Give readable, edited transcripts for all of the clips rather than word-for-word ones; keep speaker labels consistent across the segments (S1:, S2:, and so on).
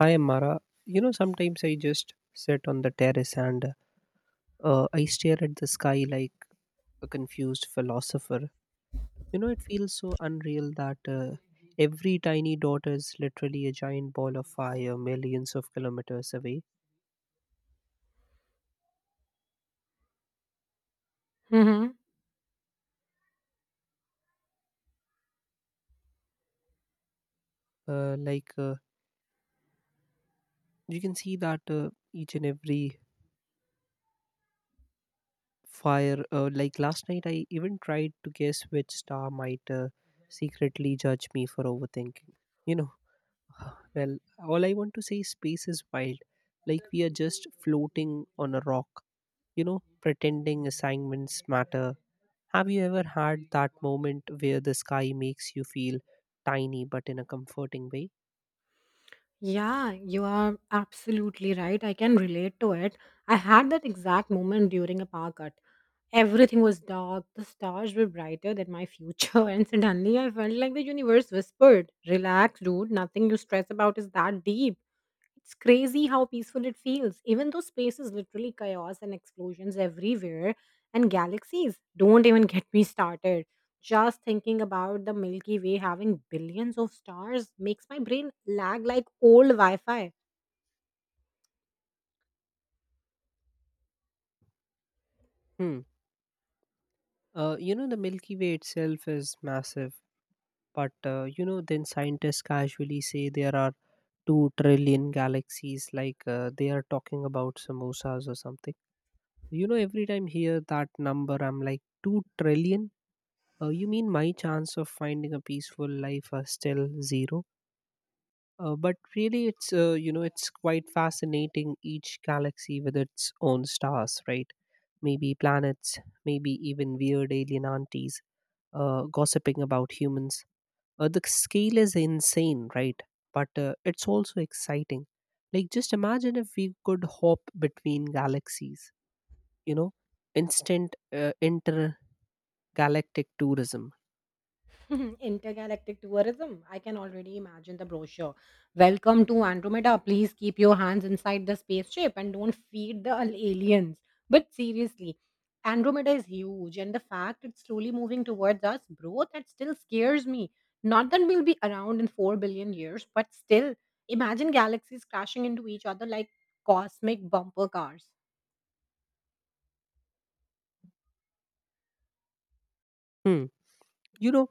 S1: Hi, Amara. You know, sometimes I just sit on the terrace and I stare at the sky like a confused philosopher. You know, it feels so unreal that every tiny dot is literally a giant ball of fire millions of kilometers away.
S2: Mhm.
S1: Uh, like, uh, you can see that each and every fire. Last night I even tried to guess which star might secretly judge me for overthinking. You know, Well, all I want to say is space is wild. Like we are just floating on a rock, you know, pretending assignments matter. Have you ever had that moment where the sky makes you feel tiny but in a comforting way?
S2: Yeah, you are absolutely right. I can relate to it. I had that exact moment during a power cut. Everything was dark, the stars were brighter than my future, and suddenly I felt like the universe whispered, Relax, dude, nothing you stress about is that deep. It's crazy how peaceful it feels, even though space is literally chaos and explosions everywhere, and galaxies. Don't even get me started. Just thinking about the Milky Way having billions of stars makes my brain lag like old Wi Fi.
S1: Hmm. You know, the Milky Way itself is massive, but you know, then scientists casually say there are 2 trillion galaxies, they are talking about samosas or something. You know, every time hear that number, I'm like, 2 trillion? You mean my chance of finding a peaceful life are still zero? But really, it's you know it's quite fascinating. Each galaxy with its own stars, right? Maybe planets, maybe even weird alien aunties gossiping about humans. The scale is insane, right? But it's also exciting. Like just imagine if we could hop between galaxies. You know, instant intergalactic tourism.
S2: Intergalactic tourism. I can already imagine the brochure. Welcome to Andromeda. Please keep your hands inside the spaceship and don't feed the aliens. But seriously, Andromeda is huge, and the fact it's slowly moving towards us, bro, that still scares me. Not that we'll be around in 4 billion years, but still, imagine galaxies crashing into each other like cosmic bumper cars.
S1: Hmm. You know,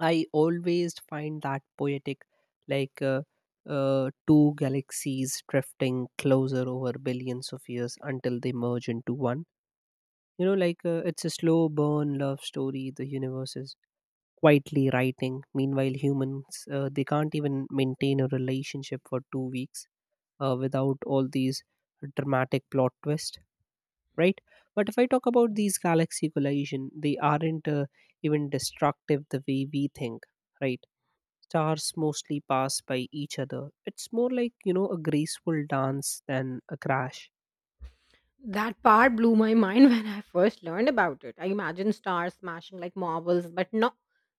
S1: I always find that poetic, like uh, two galaxies drifting closer over billions of years until they merge into one. It's a slow burn love story. The universe is quietly writing. Meanwhile, humans they can't even maintain a relationship for 2 weeks without all these dramatic plot twists, right? But if I talk about these galaxy collision, they aren't even destructive the way we think, right? Stars mostly pass by each other. It's more like, you know, a graceful dance than a crash.
S2: That part blew my mind when I first learned about it. I imagined stars smashing like marbles, but no,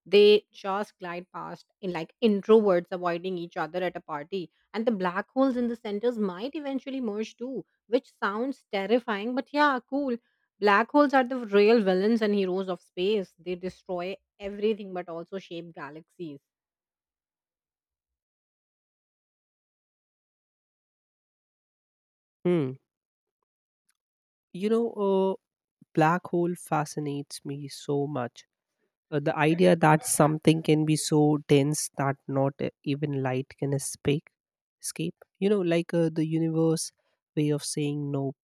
S2: they just glide past in like introverts avoiding each other at a party. And the black holes in the centers might eventually merge too, which sounds terrifying, but yeah, cool. Black holes are the real villains and heroes of space. They destroy everything but also shape galaxies.
S1: Hmm. You know, a black hole fascinates me so much. The idea that something can be so dense that not even light can escape. You know, the universe way of saying nope.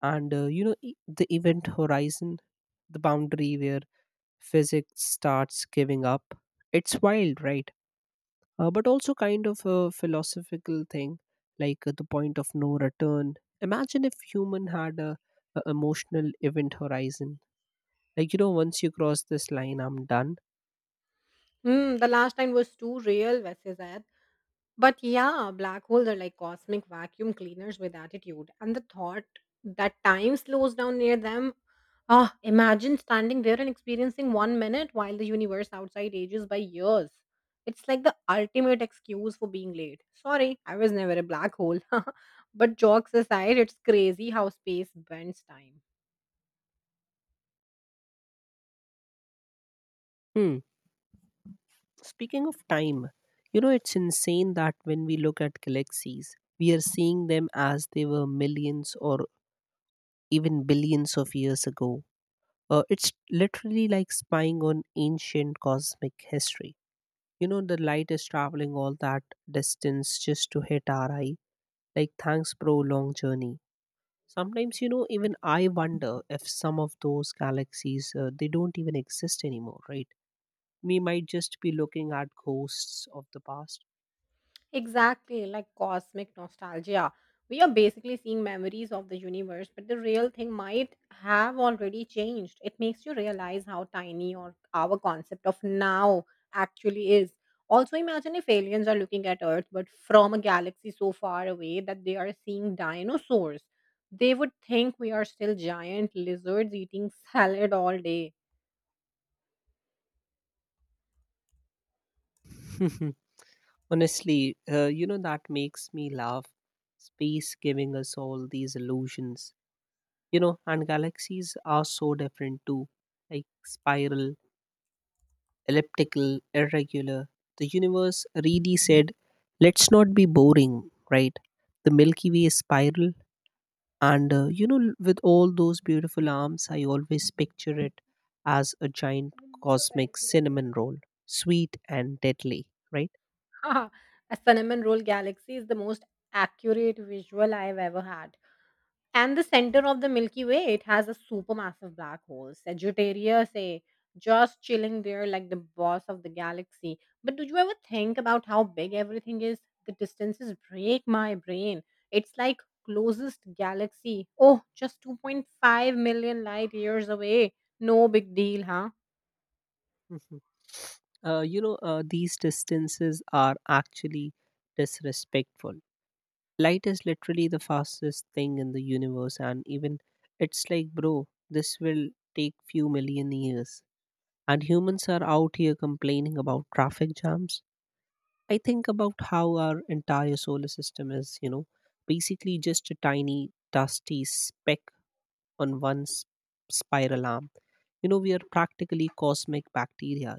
S1: And, you know, the event horizon, the boundary where physics starts giving up. It's wild, right? But also kind of a philosophical thing, the point of no return. Imagine if human had a emotional event horizon, like you know, once you cross this line, I'm done.
S2: Hmm, the last time was too real, वैसे. But yeah, black holes are like cosmic vacuum cleaners with attitude. And the thought that time slows down near them. Ah, imagine standing there and experiencing 1 minute while the universe outside ages by years. It's like the ultimate excuse for being late. Sorry, I was never a black hole. But jokes aside, it's crazy how space bends time.
S1: Hmm. Speaking of time, you know it's insane that when we look at galaxies we are seeing them as they were millions or even billions of years ago. It's literally like spying on ancient cosmic history. You know, the light is traveling all that distance just to hit our eyes. Like, thanks, bro, long journey. Sometimes, you know, even I wonder if some of those galaxies, they don't even exist anymore, right? We might just be looking at ghosts of the past.
S2: Exactly, like cosmic nostalgia. We are basically seeing memories of the universe, but the real thing might have already changed. It makes you realize how tiny or our concept of now actually is. Also, imagine if aliens are looking at Earth, but from a galaxy so far away that they are seeing dinosaurs. They would think we are still giant lizards eating salad all day.
S1: Honestly, you know, that makes me laugh. Space giving us all these illusions, you know, and galaxies are so different too, like spiral, elliptical, irregular. The universe really said, let's not be boring, right? The Milky Way is spiral, and you know, with all those beautiful arms, I always picture it as a giant cosmic cinnamon roll, sweet and deadly, right?
S2: A cinnamon roll galaxy is the most accurate visual I've ever had. And the center of the Milky Way, it has a supermassive black hole, Sagittarius A, just chilling there like the boss of the galaxy. But do you ever think about how big everything is? The distances break my brain. It's like closest galaxy. Oh, just 2.5 million light years away. No big deal, huh?
S1: Mhm. These distances are actually disrespectful. Light is literally the fastest thing in the universe, and even it's like, bro, this will take few million years. And humans are out here complaining about traffic jams. I think about how our entire solar system is, you know, basically just a tiny, dusty speck on spiral arm. You know, we are practically cosmic bacteria.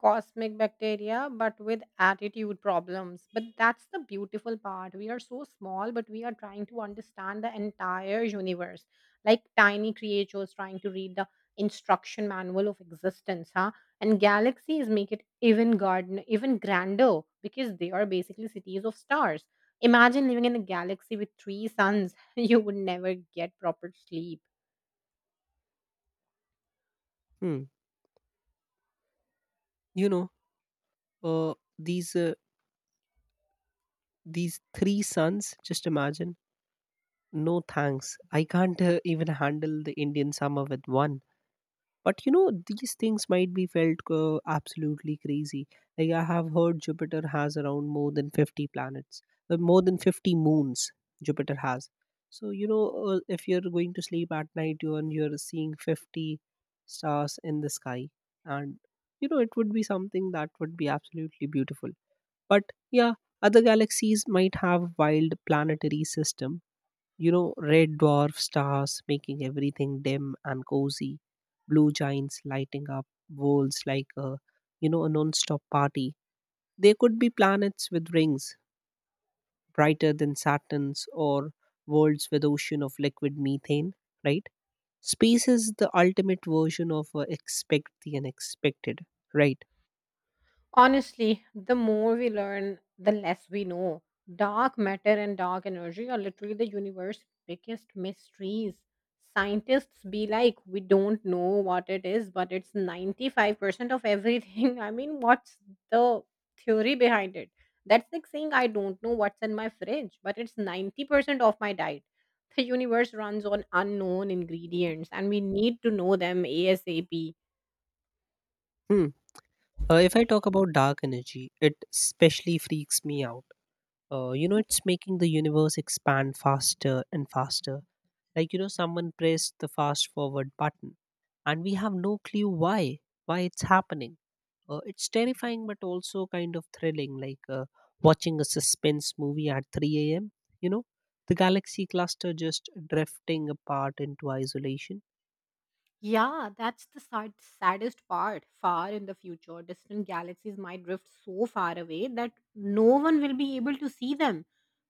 S2: Cosmic bacteria, but with attitude problems. But that's the beautiful part. We are so small, but we are trying to understand the entire universe, like tiny creatures trying to read the instruction manual of existence, huh? And galaxies make it even garden, even grander, because they are basically cities of stars. Imagine living in a galaxy with 3 suns. You would never get proper sleep.
S1: Hmm. You know, uh, these uh, these three suns. Just imagine. No thanks. I can't even handle the Indian summer with one. But you know, these things might be felt absolutely crazy. Like I have heard Jupiter has around more than 50 planets, more than 50 moons Jupiter has. So you know, if you're going to sleep at night, you and you're seeing 50 stars in the sky, and you know it would be something that would be absolutely beautiful. But yeah, other galaxies might have wild planetary system, you know, red dwarf stars making everything dim and cozy, blue giants lighting up worlds like you know, a non-stop party. There could be planets with rings brighter than Saturn's or worlds with ocean of liquid methane, right? Space is the ultimate version of expect the unexpected, right?
S2: Honestly, the more we learn, the less we know. Dark matter and dark energy are literally the universe's biggest mysteries. Scientists be like, we don't know what it is, but it's 95% of everything. I mean, what's the theory behind it? That's like saying, I don't know what's in my fridge, but it's 90% of my diet. The universe runs on unknown ingredients, and we need to know them ASAP.
S1: Hmm. If I talk about dark energy, it especially freaks me out. You know, it's making the universe expand faster and faster, like you know, someone pressed the fast forward button, and we have no clue why it's happening. It's terrifying but also kind of thrilling, watching a suspense movie at 3 a.m., you know, the galaxy cluster just drifting apart into isolation.
S2: Yeah, that's the sad, saddest part. Far in the future, distant galaxies might drift so far away that no one will be able to see them.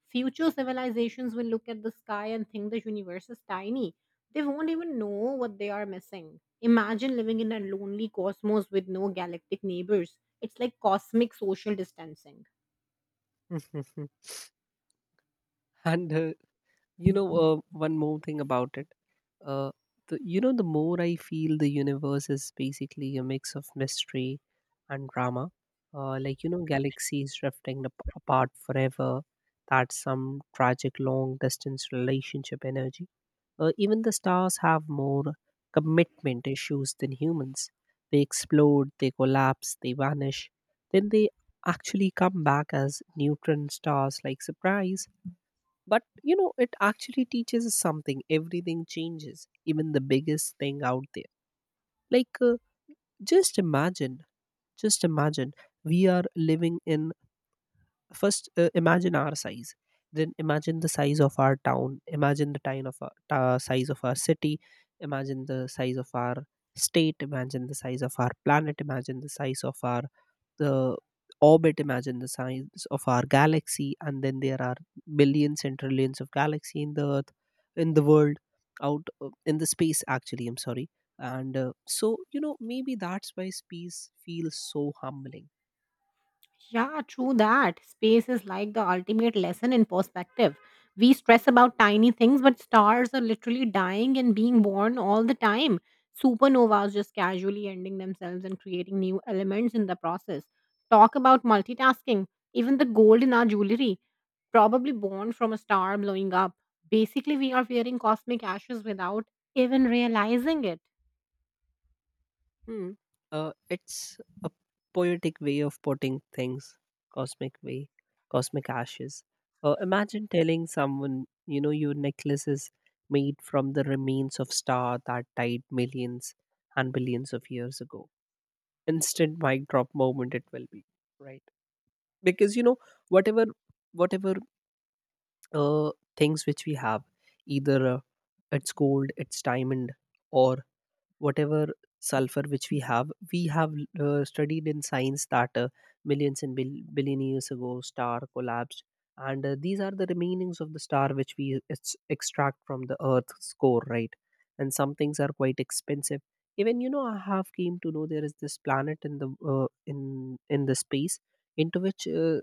S2: Future civilizations will look at the sky and think the universe is tiny. They won't even know what they are missing. Imagine living in a lonely cosmos with no galactic neighbors. It's like cosmic social distancing.
S1: And you know, one more thing about it. Uh, the more I feel the universe is basically a mix of mystery and drama. You know, galaxies drifting apart forever, that's some tragic long distance relationship energy. Even the stars have more commitment issues than humans. They explode, they collapse, they vanish. Then they actually come back as neutron stars, like surprise. But you know, it actually teaches us something. Everything changes, even the biggest thing out there. Like, uh, just imagine, just imagine we are living in first, imagine our size, then imagine the size of our town, imagine the time of size of our city, imagine the size of our state, imagine the size of our planet, imagine the size of our the orbit, imagine the size of our galaxy, and then there are billions and trillions of galaxy in the earth, in the world, out in the space, actually I'm sorry. And so you know, maybe that's why space feels so humbling.
S2: Yeah, true that. Space is like the ultimate lesson in perspective. We stress about tiny things, but stars are literally dying and being born all the time. Supernovas just casually ending themselves and creating new elements in the process. Talk about multitasking. Even the gold in our jewelry, probably born from a star blowing up. Basically, we are wearing cosmic ashes without even realizing it.
S1: Hmm. It's a poetic way of putting things, cosmic way, cosmic ashes. Imagine telling someone, you know, your necklace is made from the remains of star that died millions and billions of years ago. Instant mic drop moment it will be, right? Because you know, whatever, whatever uh, things which we have, either it's gold, it's diamond, or whatever sulfur which we have studied in science that millions and billion years ago star collapsed, and these are the remainings of the star which we extract from the earth's core, right? And some things are quite expensive. Even you know, I have came to know there is this planet in the uh, in the space, into which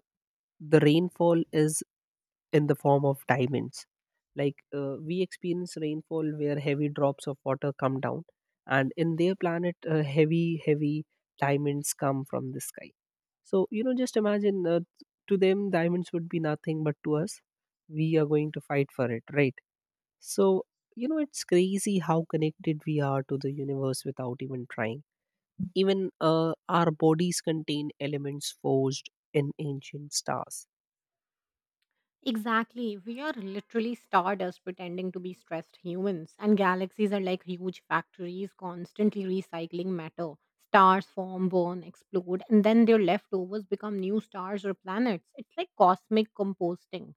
S1: the rainfall is in the form of diamonds. Like we experience rainfall where heavy drops of water come down, and in their planet, heavy diamonds come from the sky. So, you know, just imagine to them, diamonds would be nothing, but to us, we are going to fight for it, right? So, you know, it's crazy how connected we are to the universe without even trying. Even our bodies contain elements forged in ancient stars.
S2: Exactly. We are literally stardust pretending to be stressed humans, and galaxies are like huge factories constantly recycling matter. Stars form, burn, explode, and then their leftovers become new stars or planets. It's like cosmic composting.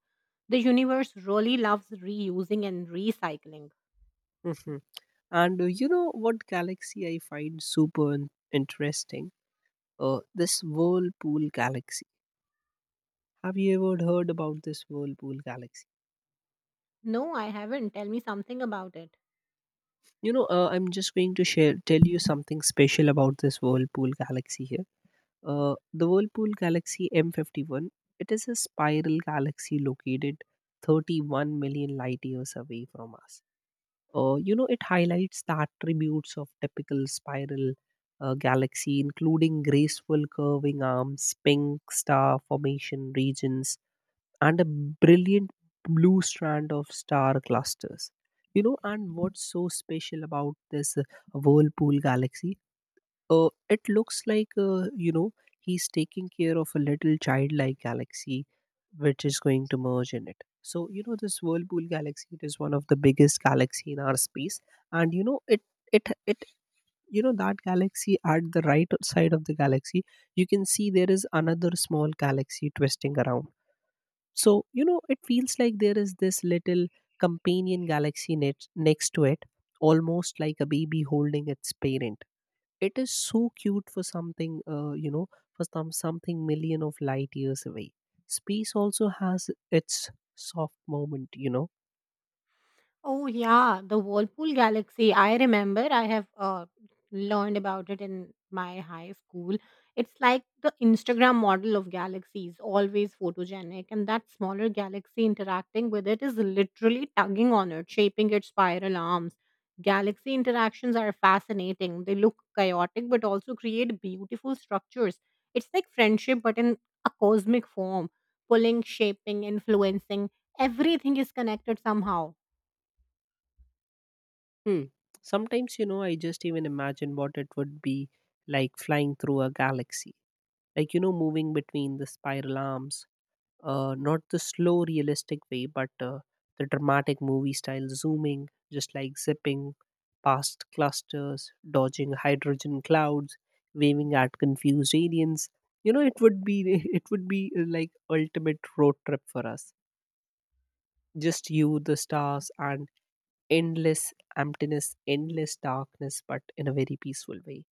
S2: The universe really loves reusing and recycling.
S1: And you know what galaxy I find super interesting? This Whirlpool galaxy. Have you ever heard about this Whirlpool galaxy?
S2: No, I haven't. Tell me something about it.
S1: You know, I'm just going to share tell you something special about this Whirlpool galaxy here. The Whirlpool galaxy M51. It is a spiral galaxy located 31 million light years away from us. You know, it highlights the attributes of typical spiral galaxy, including graceful curving arms, pink star formation regions, and a brilliant blue strand of star clusters. You know, and what's so special about this Whirlpool galaxy, it looks like you know, he's taking care of a little childlike galaxy, which is going to merge in it. So you know, this Whirlpool galaxy. It is one of the biggest galaxy in our space, and you know, it you know that galaxy at the right side of the galaxy, you can see there is another small galaxy twisting around. So you know, it feels like there is this little companion galaxy next to it, almost like a baby holding its parent. It is so cute for something, you know, for something million of light years away. Space also has its soft moment, you know.
S2: Oh yeah, the Whirlpool Galaxy. I remember I have learned about it in my high school. It's like the Instagram model of galaxies, always photogenic, and that smaller galaxy interacting with it is literally tugging on it, shaping its spiral arms. Galaxy interactions are fascinating. They look chaotic but also create beautiful structures. It's like friendship but in a cosmic form, pulling, shaping, influencing. Everything is connected somehow.
S1: Hmm. Sometimes, you know, I just even imagine what it would be like flying through a galaxy, like, you know, moving between the spiral arms, not the slow realistic way, but the dramatic movie style, zooming, just like zipping past clusters, dodging hydrogen clouds, waving at confused aliens. You know, it would be it would be, like, ultimate road trip for us. Just you, the stars, and endless emptiness, endless darkness, but in a very peaceful way.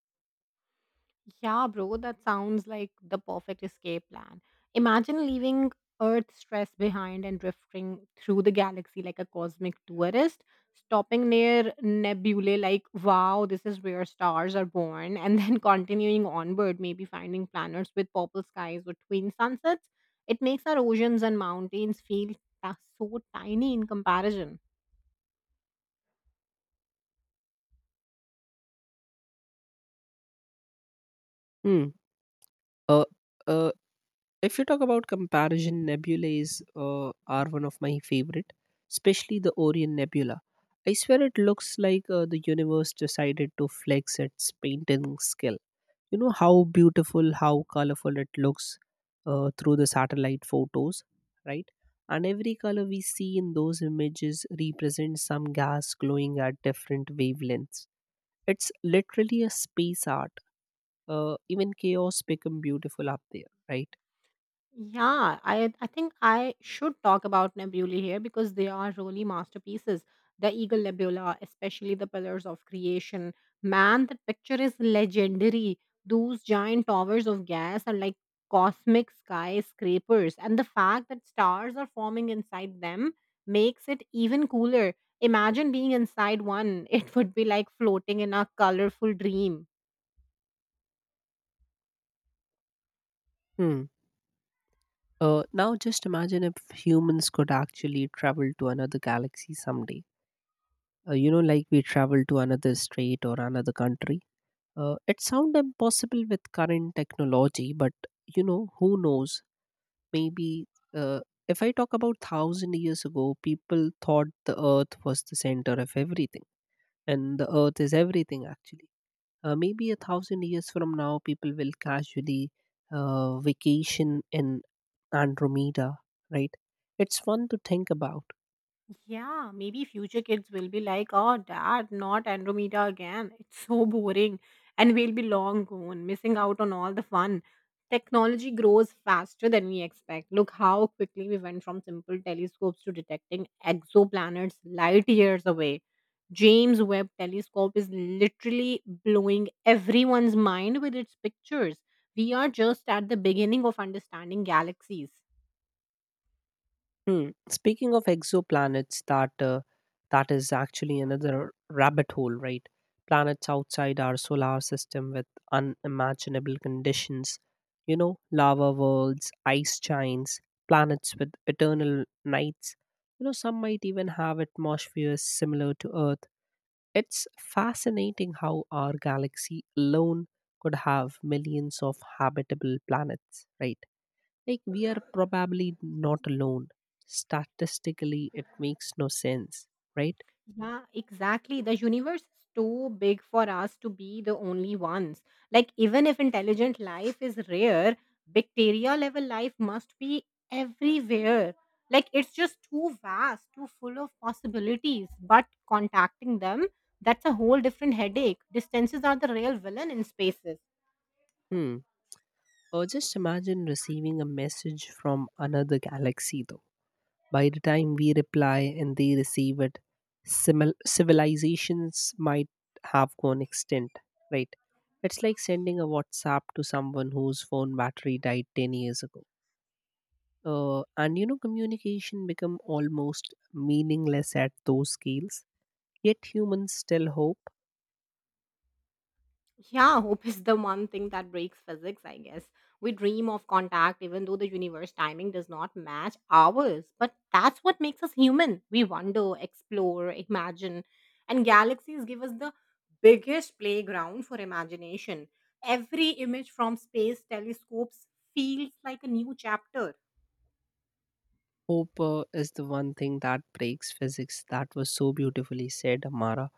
S2: Yeah, bro, that sounds like the perfect escape plan. Imagine leaving Earth stress behind and drifting through the galaxy like a cosmic tourist, stopping near nebulae like, wow, this is where stars are born, and then continuing onward, maybe finding planets with purple skies or twin sunsets. It makes our oceans and mountains feel so tiny in comparison.
S1: Hmm. uh, uh, If you talk about comparison, nebulae are one of my favorite, especially the Orion Nebula. I swear it looks like, the universe decided to flex its painting skill. You know how beautiful, how colorful it looks through the satellite photos, right? And every color we see in those images represents some gas glowing at different wavelengths. It's literally a space art. Even chaos become beautiful up there, right?
S2: Yeah, I think I should talk about nebulae here because they are really masterpieces. The Eagle Nebula, especially the Pillars of Creation. Man, that picture is legendary. Those giant towers of gas are like cosmic skyscrapers, and the fact that stars are forming inside them makes it even cooler. Imagine being inside one. It would be like floating in a colorful dream.
S1: Hmm. Now, just imagine if humans could actually travel to another galaxy someday. You know, like we travel to another state or another country. It sounds impossible with current technology, but, you know, who knows? Maybe uh, if I talk about thousand years ago, people thought the Earth was the center of everything, and the Earth is everything actually. Maybe a thousand years from now, people will casually vacation in Andromeda, right? It's fun to think about.
S2: Yeah, maybe future kids will be like, oh, dad, not Andromeda again. It's so boring. And we'll be long gone, missing out on all the fun. Technology grows faster than we expect. Look how quickly we went from simple telescopes to detecting exoplanets light years away. James Webb telescope is literally blowing everyone's mind with its pictures. We are just at the beginning of understanding galaxies.
S1: Hmm. Speaking of exoplanets, that is actually another rabbit hole, right? Planets outside our solar system with unimaginable conditions, you know, lava worlds, ice giants, planets with eternal nights. You know, some might even have atmospheres similar to Earth. It's fascinating how our galaxy alone could have millions of habitable planets, right? Like, we are probably not alone. Statistically, it makes no sense, right?
S2: Yeah, exactly. The universe is too big for us to be the only ones. Like, even if intelligent life is rare, bacteria level life must be everywhere. Like, it's just too vast, too full of possibilities. But contacting them, that's a whole different headache. Distances are the real villain in spaces.
S1: Hmm. Or just imagine receiving a message from another galaxy, though. By the time we reply and they receive it, civilizations might have gone extinct, right? It's like sending a WhatsApp to someone whose phone battery died 10 years ago. And you know, communication become almost meaningless at those scales. Yet humans still hope.
S2: Yeah, hope is the one thing that breaks physics, I guess. We dream of contact even though the universe timing does not match ours. But that's what makes us human. We wonder, explore, imagine. And galaxies give us the biggest playground for imagination. Every image from space telescopes feels like a new chapter.
S1: Hope is the one thing that breaks physics. That was so beautifully said, Amara.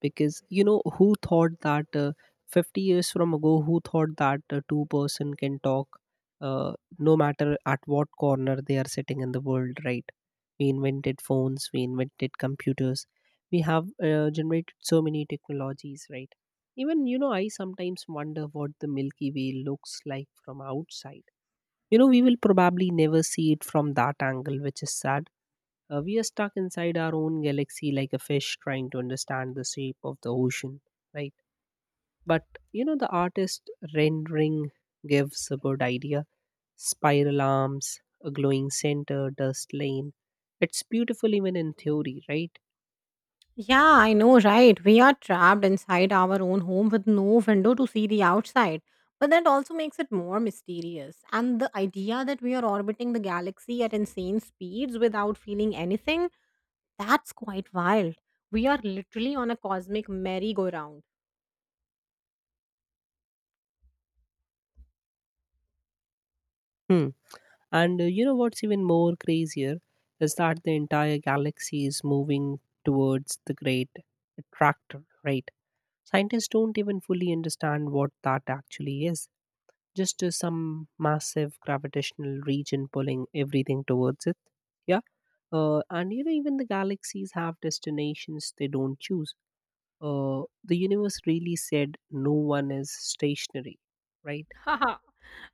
S1: Because, you know, who thought that 50 years from ago, who thought that two-person can talk, no matter at what corner they are sitting in the world, right? We invented phones, we invented computers, we have generated so many technologies, right? Even, you know, I sometimes wonder what the Milky Way looks like from outside. You know, we will probably never see it from that angle, which is sad. We are stuck inside our own galaxy, like a fish trying to understand the shape of the ocean, right? But, you know, the artist rendering gives a good idea: spiral arms, a glowing center, dust lane. It's beautiful even in theory, right?
S2: Yeah, I know, right? We are trapped inside our own home with no window to see the outside. But that also makes it more mysterious. And the idea that we are orbiting the galaxy at insane speeds without feeling anything, that's quite wild. We are literally on a cosmic merry-go-round.
S1: Hmm. And, you know what's even more crazier is that the entire galaxy is moving towards the great attractor, right? Scientists don't even fully understand what that actually is, just some massive gravitational region pulling everything towards it. Yeah. And you know, even the galaxies have destinations they don't choose. The universe really said no one is stationary, right?
S2: Haha.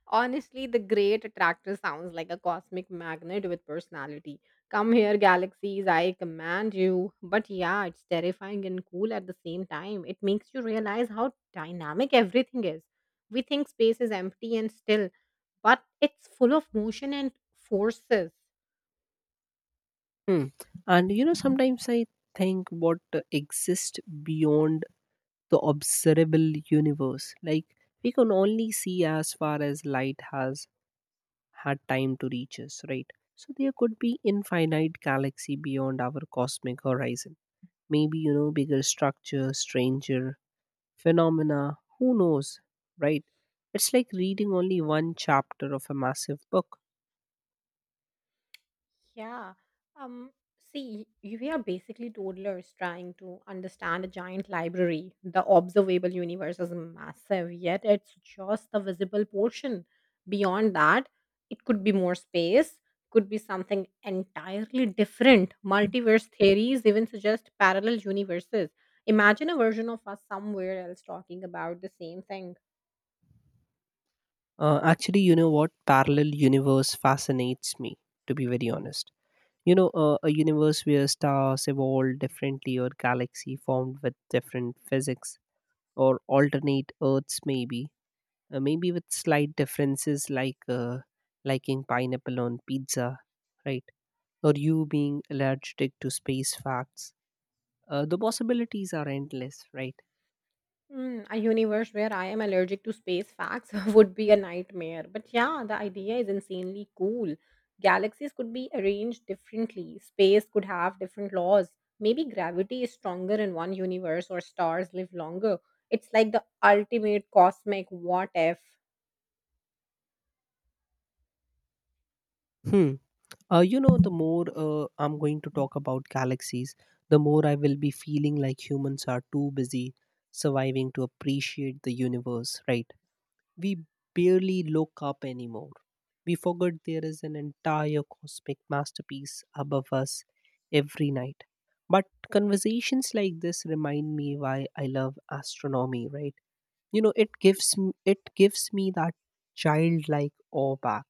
S2: Honestly, the great attractor sounds like a cosmic magnet with personality. Come here, galaxies, I command you. But yeah, it's terrifying and cool at the same time. It makes you realize how dynamic everything is. We think space is empty and still, but it's full of motion and forces.
S1: Hmm. And you know, sometimes I think what exists beyond the observable universe. Like, we can only see as far as light has had time to reach us, right? So there could be infinite galaxy beyond our cosmic horizon. Maybe, you know, bigger structure, stranger phenomena. Who knows, right? It's like reading only one chapter of a massive book.
S2: Yeah. Um, See, we are basically toddlers trying to understand a giant library. The observable universe is massive, yet it's just the visible portion. Beyond that, it could be more space, could be something entirely different. Multiverse theories even suggest parallel universes. Imagine a version of us somewhere else talking about the same thing.
S1: Actually, you know what? Parallel universe fascinates me, to be very honest. You know, a universe where stars evolved differently, or galaxy formed with different physics, or alternate Earths, maybe maybe with slight differences like, liking pineapple on pizza, right? Or you being allergic to space facts. The possibilities are endless, right?
S2: Mm, a universe where I am allergic to space facts would be a nightmare. But yeah, the idea is insanely cool. Galaxies could be arranged differently, space could have different laws. Maybe gravity is stronger in one universe or stars live longer. It's like the ultimate cosmic what if.
S1: Hmm. You know, the more, I'm going to talk about galaxies, the more I will be feeling like humans are too busy surviving to appreciate the universe, right? We barely look up anymore. We forget there is an entire cosmic masterpiece above us every night. But conversations like this remind me why I love astronomy, right? You know, it gives me that childlike awe back.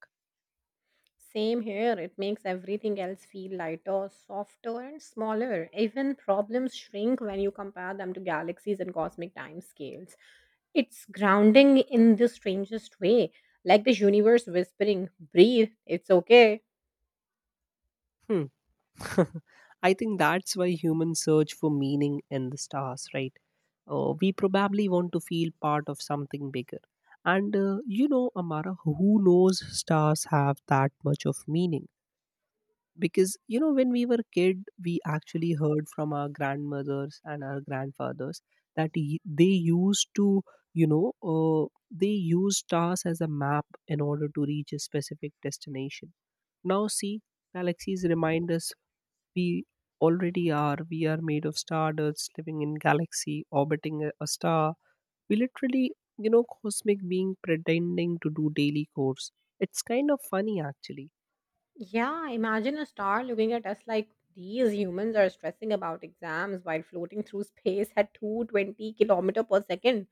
S2: Same here, it makes everything else feel lighter, softer, and smaller. Even problems shrink when you compare them to galaxies and cosmic time scales. It's grounding in the strangest way, like the universe whispering, Breathe, it's okay.
S1: Hmm. I think that's why humans search for meaning in the stars, right? We probably want to feel part of something bigger. And, you know, Amara, who knows stars have that much of meaning? Because, you know, when we were a kid, we actually heard from our grandmothers and our grandfathers that they used to, you know, they used stars as a map in order to reach a specific destination. Now, see, galaxies remind us we already are. We are made of stardust, living in galaxy, orbiting a star. We literally, you know, cosmic being pretending to do daily chores. It's kind of funny actually.
S2: Yeah, imagine a star looking at us like these humans are stressing about exams while floating through space at 220 kilometer per second.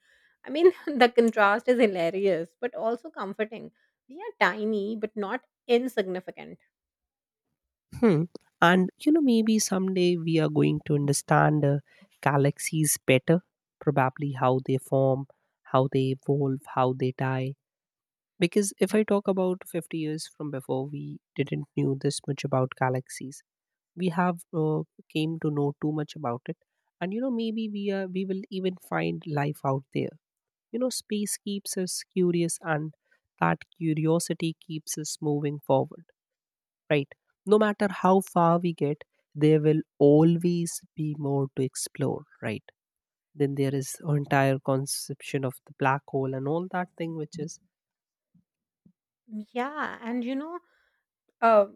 S2: I mean, the contrast is hilarious, but also comforting. We are tiny, but not insignificant.
S1: Hmm. And you know, maybe someday we are going to understand galaxies better. Probably how they form, how they evolve, how they die. Because if I talk about 50 years from before, we didn't knew this much about galaxies. We have came to know too much about it. And you know, maybe we will even find life out there. You know, space keeps us curious, and that curiosity keeps us moving forward, right? No matter how far we get, there will always be more to explore, right? Then there is entire conception of the black hole and all that thing which is.
S2: Yeah, and you know, Uh,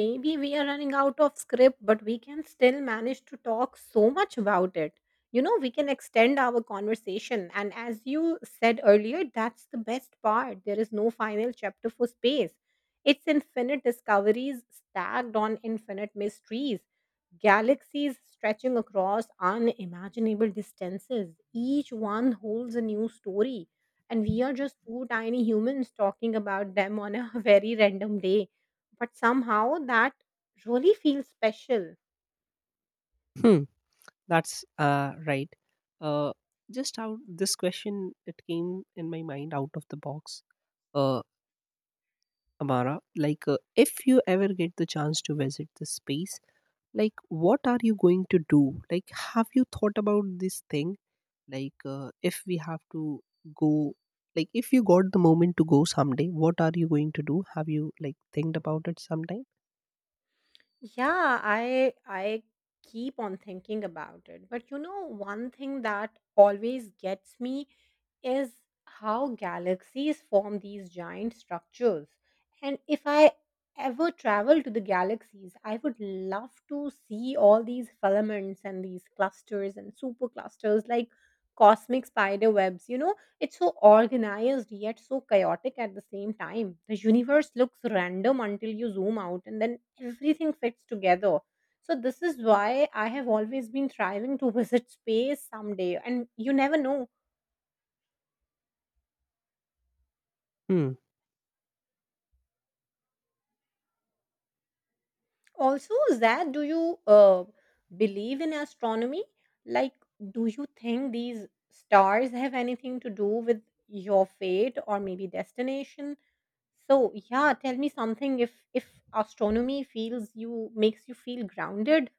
S2: Maybe we are running out of script, but we can still manage to talk so much about it. You know, we can extend our conversation. And as you said earlier, that's the best part. There is no final chapter for space, it's infinite discoveries stacked on infinite mysteries. Galaxies stretching across unimaginable distances. Each one holds a new story. And we are just two tiny humans talking about them on a very random day, but somehow that really feels special.
S1: Hmm. That's, right. Uh, just how this question it came in my mind out of the box, uh, Amara. Like, if you ever get the chance to visit this space, like, what are you going to do? Like, have you thought about this thing? Like, if we have to go, like, if you got the moment to go someday, what are you going to do? Have you like think about it sometime?
S2: Yeah, I keep on thinking about it. But you know, one thing that always gets me is how galaxies form these giant structures. And if I ever travel to the galaxies, I would love to see all these filaments and these clusters and superclusters like cosmic spider webs. You know, it's so organized yet so chaotic at the same time. The universe looks random until you zoom out and then everything fits together. So, this is why I have always been striving to visit space someday, and you never know.
S1: Hmm.
S2: Also, Zad, do you believe in astronomy? Like, do you think these stars have anything to do with your fate or maybe destination? So, yeah, tell me something if astronomy feels you makes you feel grounded.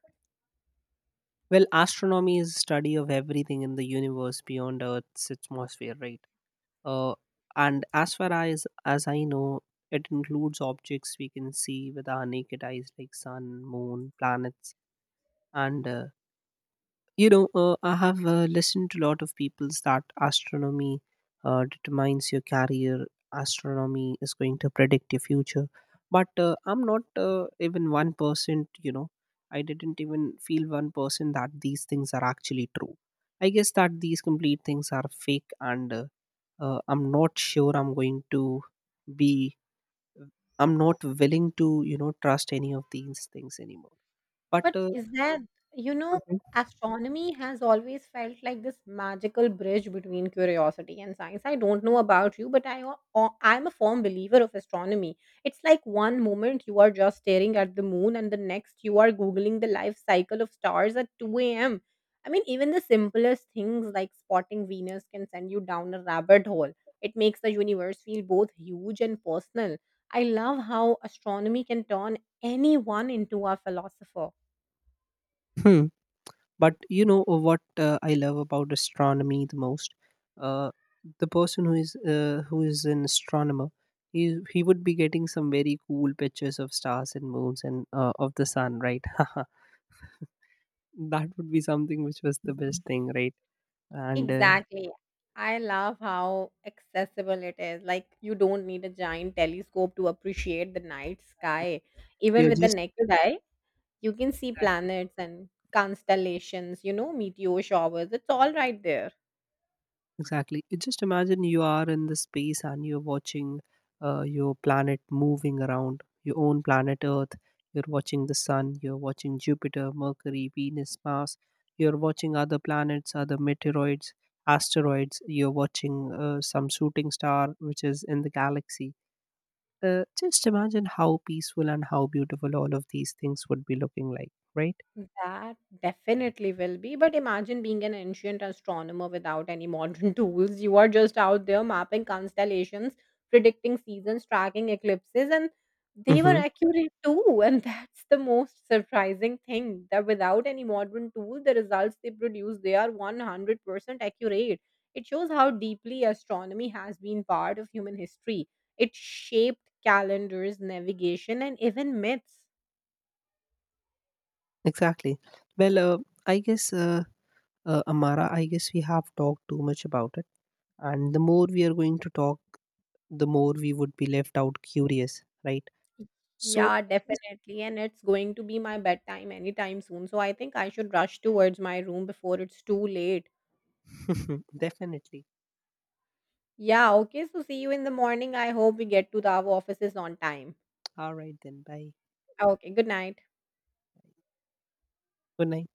S1: Well, astronomy is study of everything in the universe beyond Earth's atmosphere, right? uh, and as far as I know, it includes objects we can see with our naked eyes, like sun, moon, planets, and you know, I have listened to a lot of people that astronomy determines your career, astronomy is going to predict your future. But I'm not, even 1%, you know, I didn't even feel 1% that these things are actually true. I guess that these complete things are fake. And, I'm not sure I'm going to be, I'm not willing to, you know, trust any of these things anymore. But
S2: But is there, you know,
S1: Mhm.
S2: astronomy has always felt like this magical bridge between curiosity and science. I don't know about you, but I'm a firm believer of astronomy. It's like one moment you are just staring at the moon, and the next you are googling the life cycle of stars at 2 a.m. I mean, even the simplest things like spotting Venus can send you down a rabbit hole. It makes the universe feel both huge and personal. I love how astronomy can turn anyone into a philosopher.
S1: Hmm. But you know, what, I love about astronomy the most? Uh, the person who is, who is an astronomer, he he would be getting some very cool pictures of stars and moons and, of the sun, right? That would be something which was the best thing, right? And
S2: Exactly. I love how accessible it is. Like, you don't need a giant telescope to appreciate the night sky. Even
S1: you're
S2: with the
S1: just
S2: naked eye, you can see
S1: exactly.
S2: planets and constellations, you know, meteor showers. It's all right there.
S1: Exactly. It just imagine you are in the space and you're watching your planet moving around your own planet Earth. You're watching the sun. You're watching Jupiter, Mercury, Venus, Mars. You're watching other planets, other meteoroids, asteroids. You're watching some shooting star which is in the galaxy. Just imagine how peaceful and how beautiful all of these things would be looking like, right?
S2: That definitely will be. But imagine being an ancient astronomer without any modern tools. You are just out there mapping constellations, predicting seasons, tracking eclipses, and they were
S1: Mm-hmm.
S2: accurate too. And that's the most surprising thing that without any modern tool, the results they produce they are 100% accurate. It shows how deeply astronomy has been part of human history. It shaped calendars, navigation, and even myths.
S1: Exactly. Well, I guess, Amara, I guess we have talked too much about it. And the more we are going to talk, the more we would be left out curious, right? So,
S2: Yeah,
S1: I guess,
S2: definitely. And it's going to be my bedtime anytime soon. So I think I should rush towards my room before it's too late.
S1: definitely.
S2: Yeah, okay. So see you in the morning. I hope we get to the our offices on time.
S1: Alright then, bye.
S2: Okay, good night.
S1: Good night.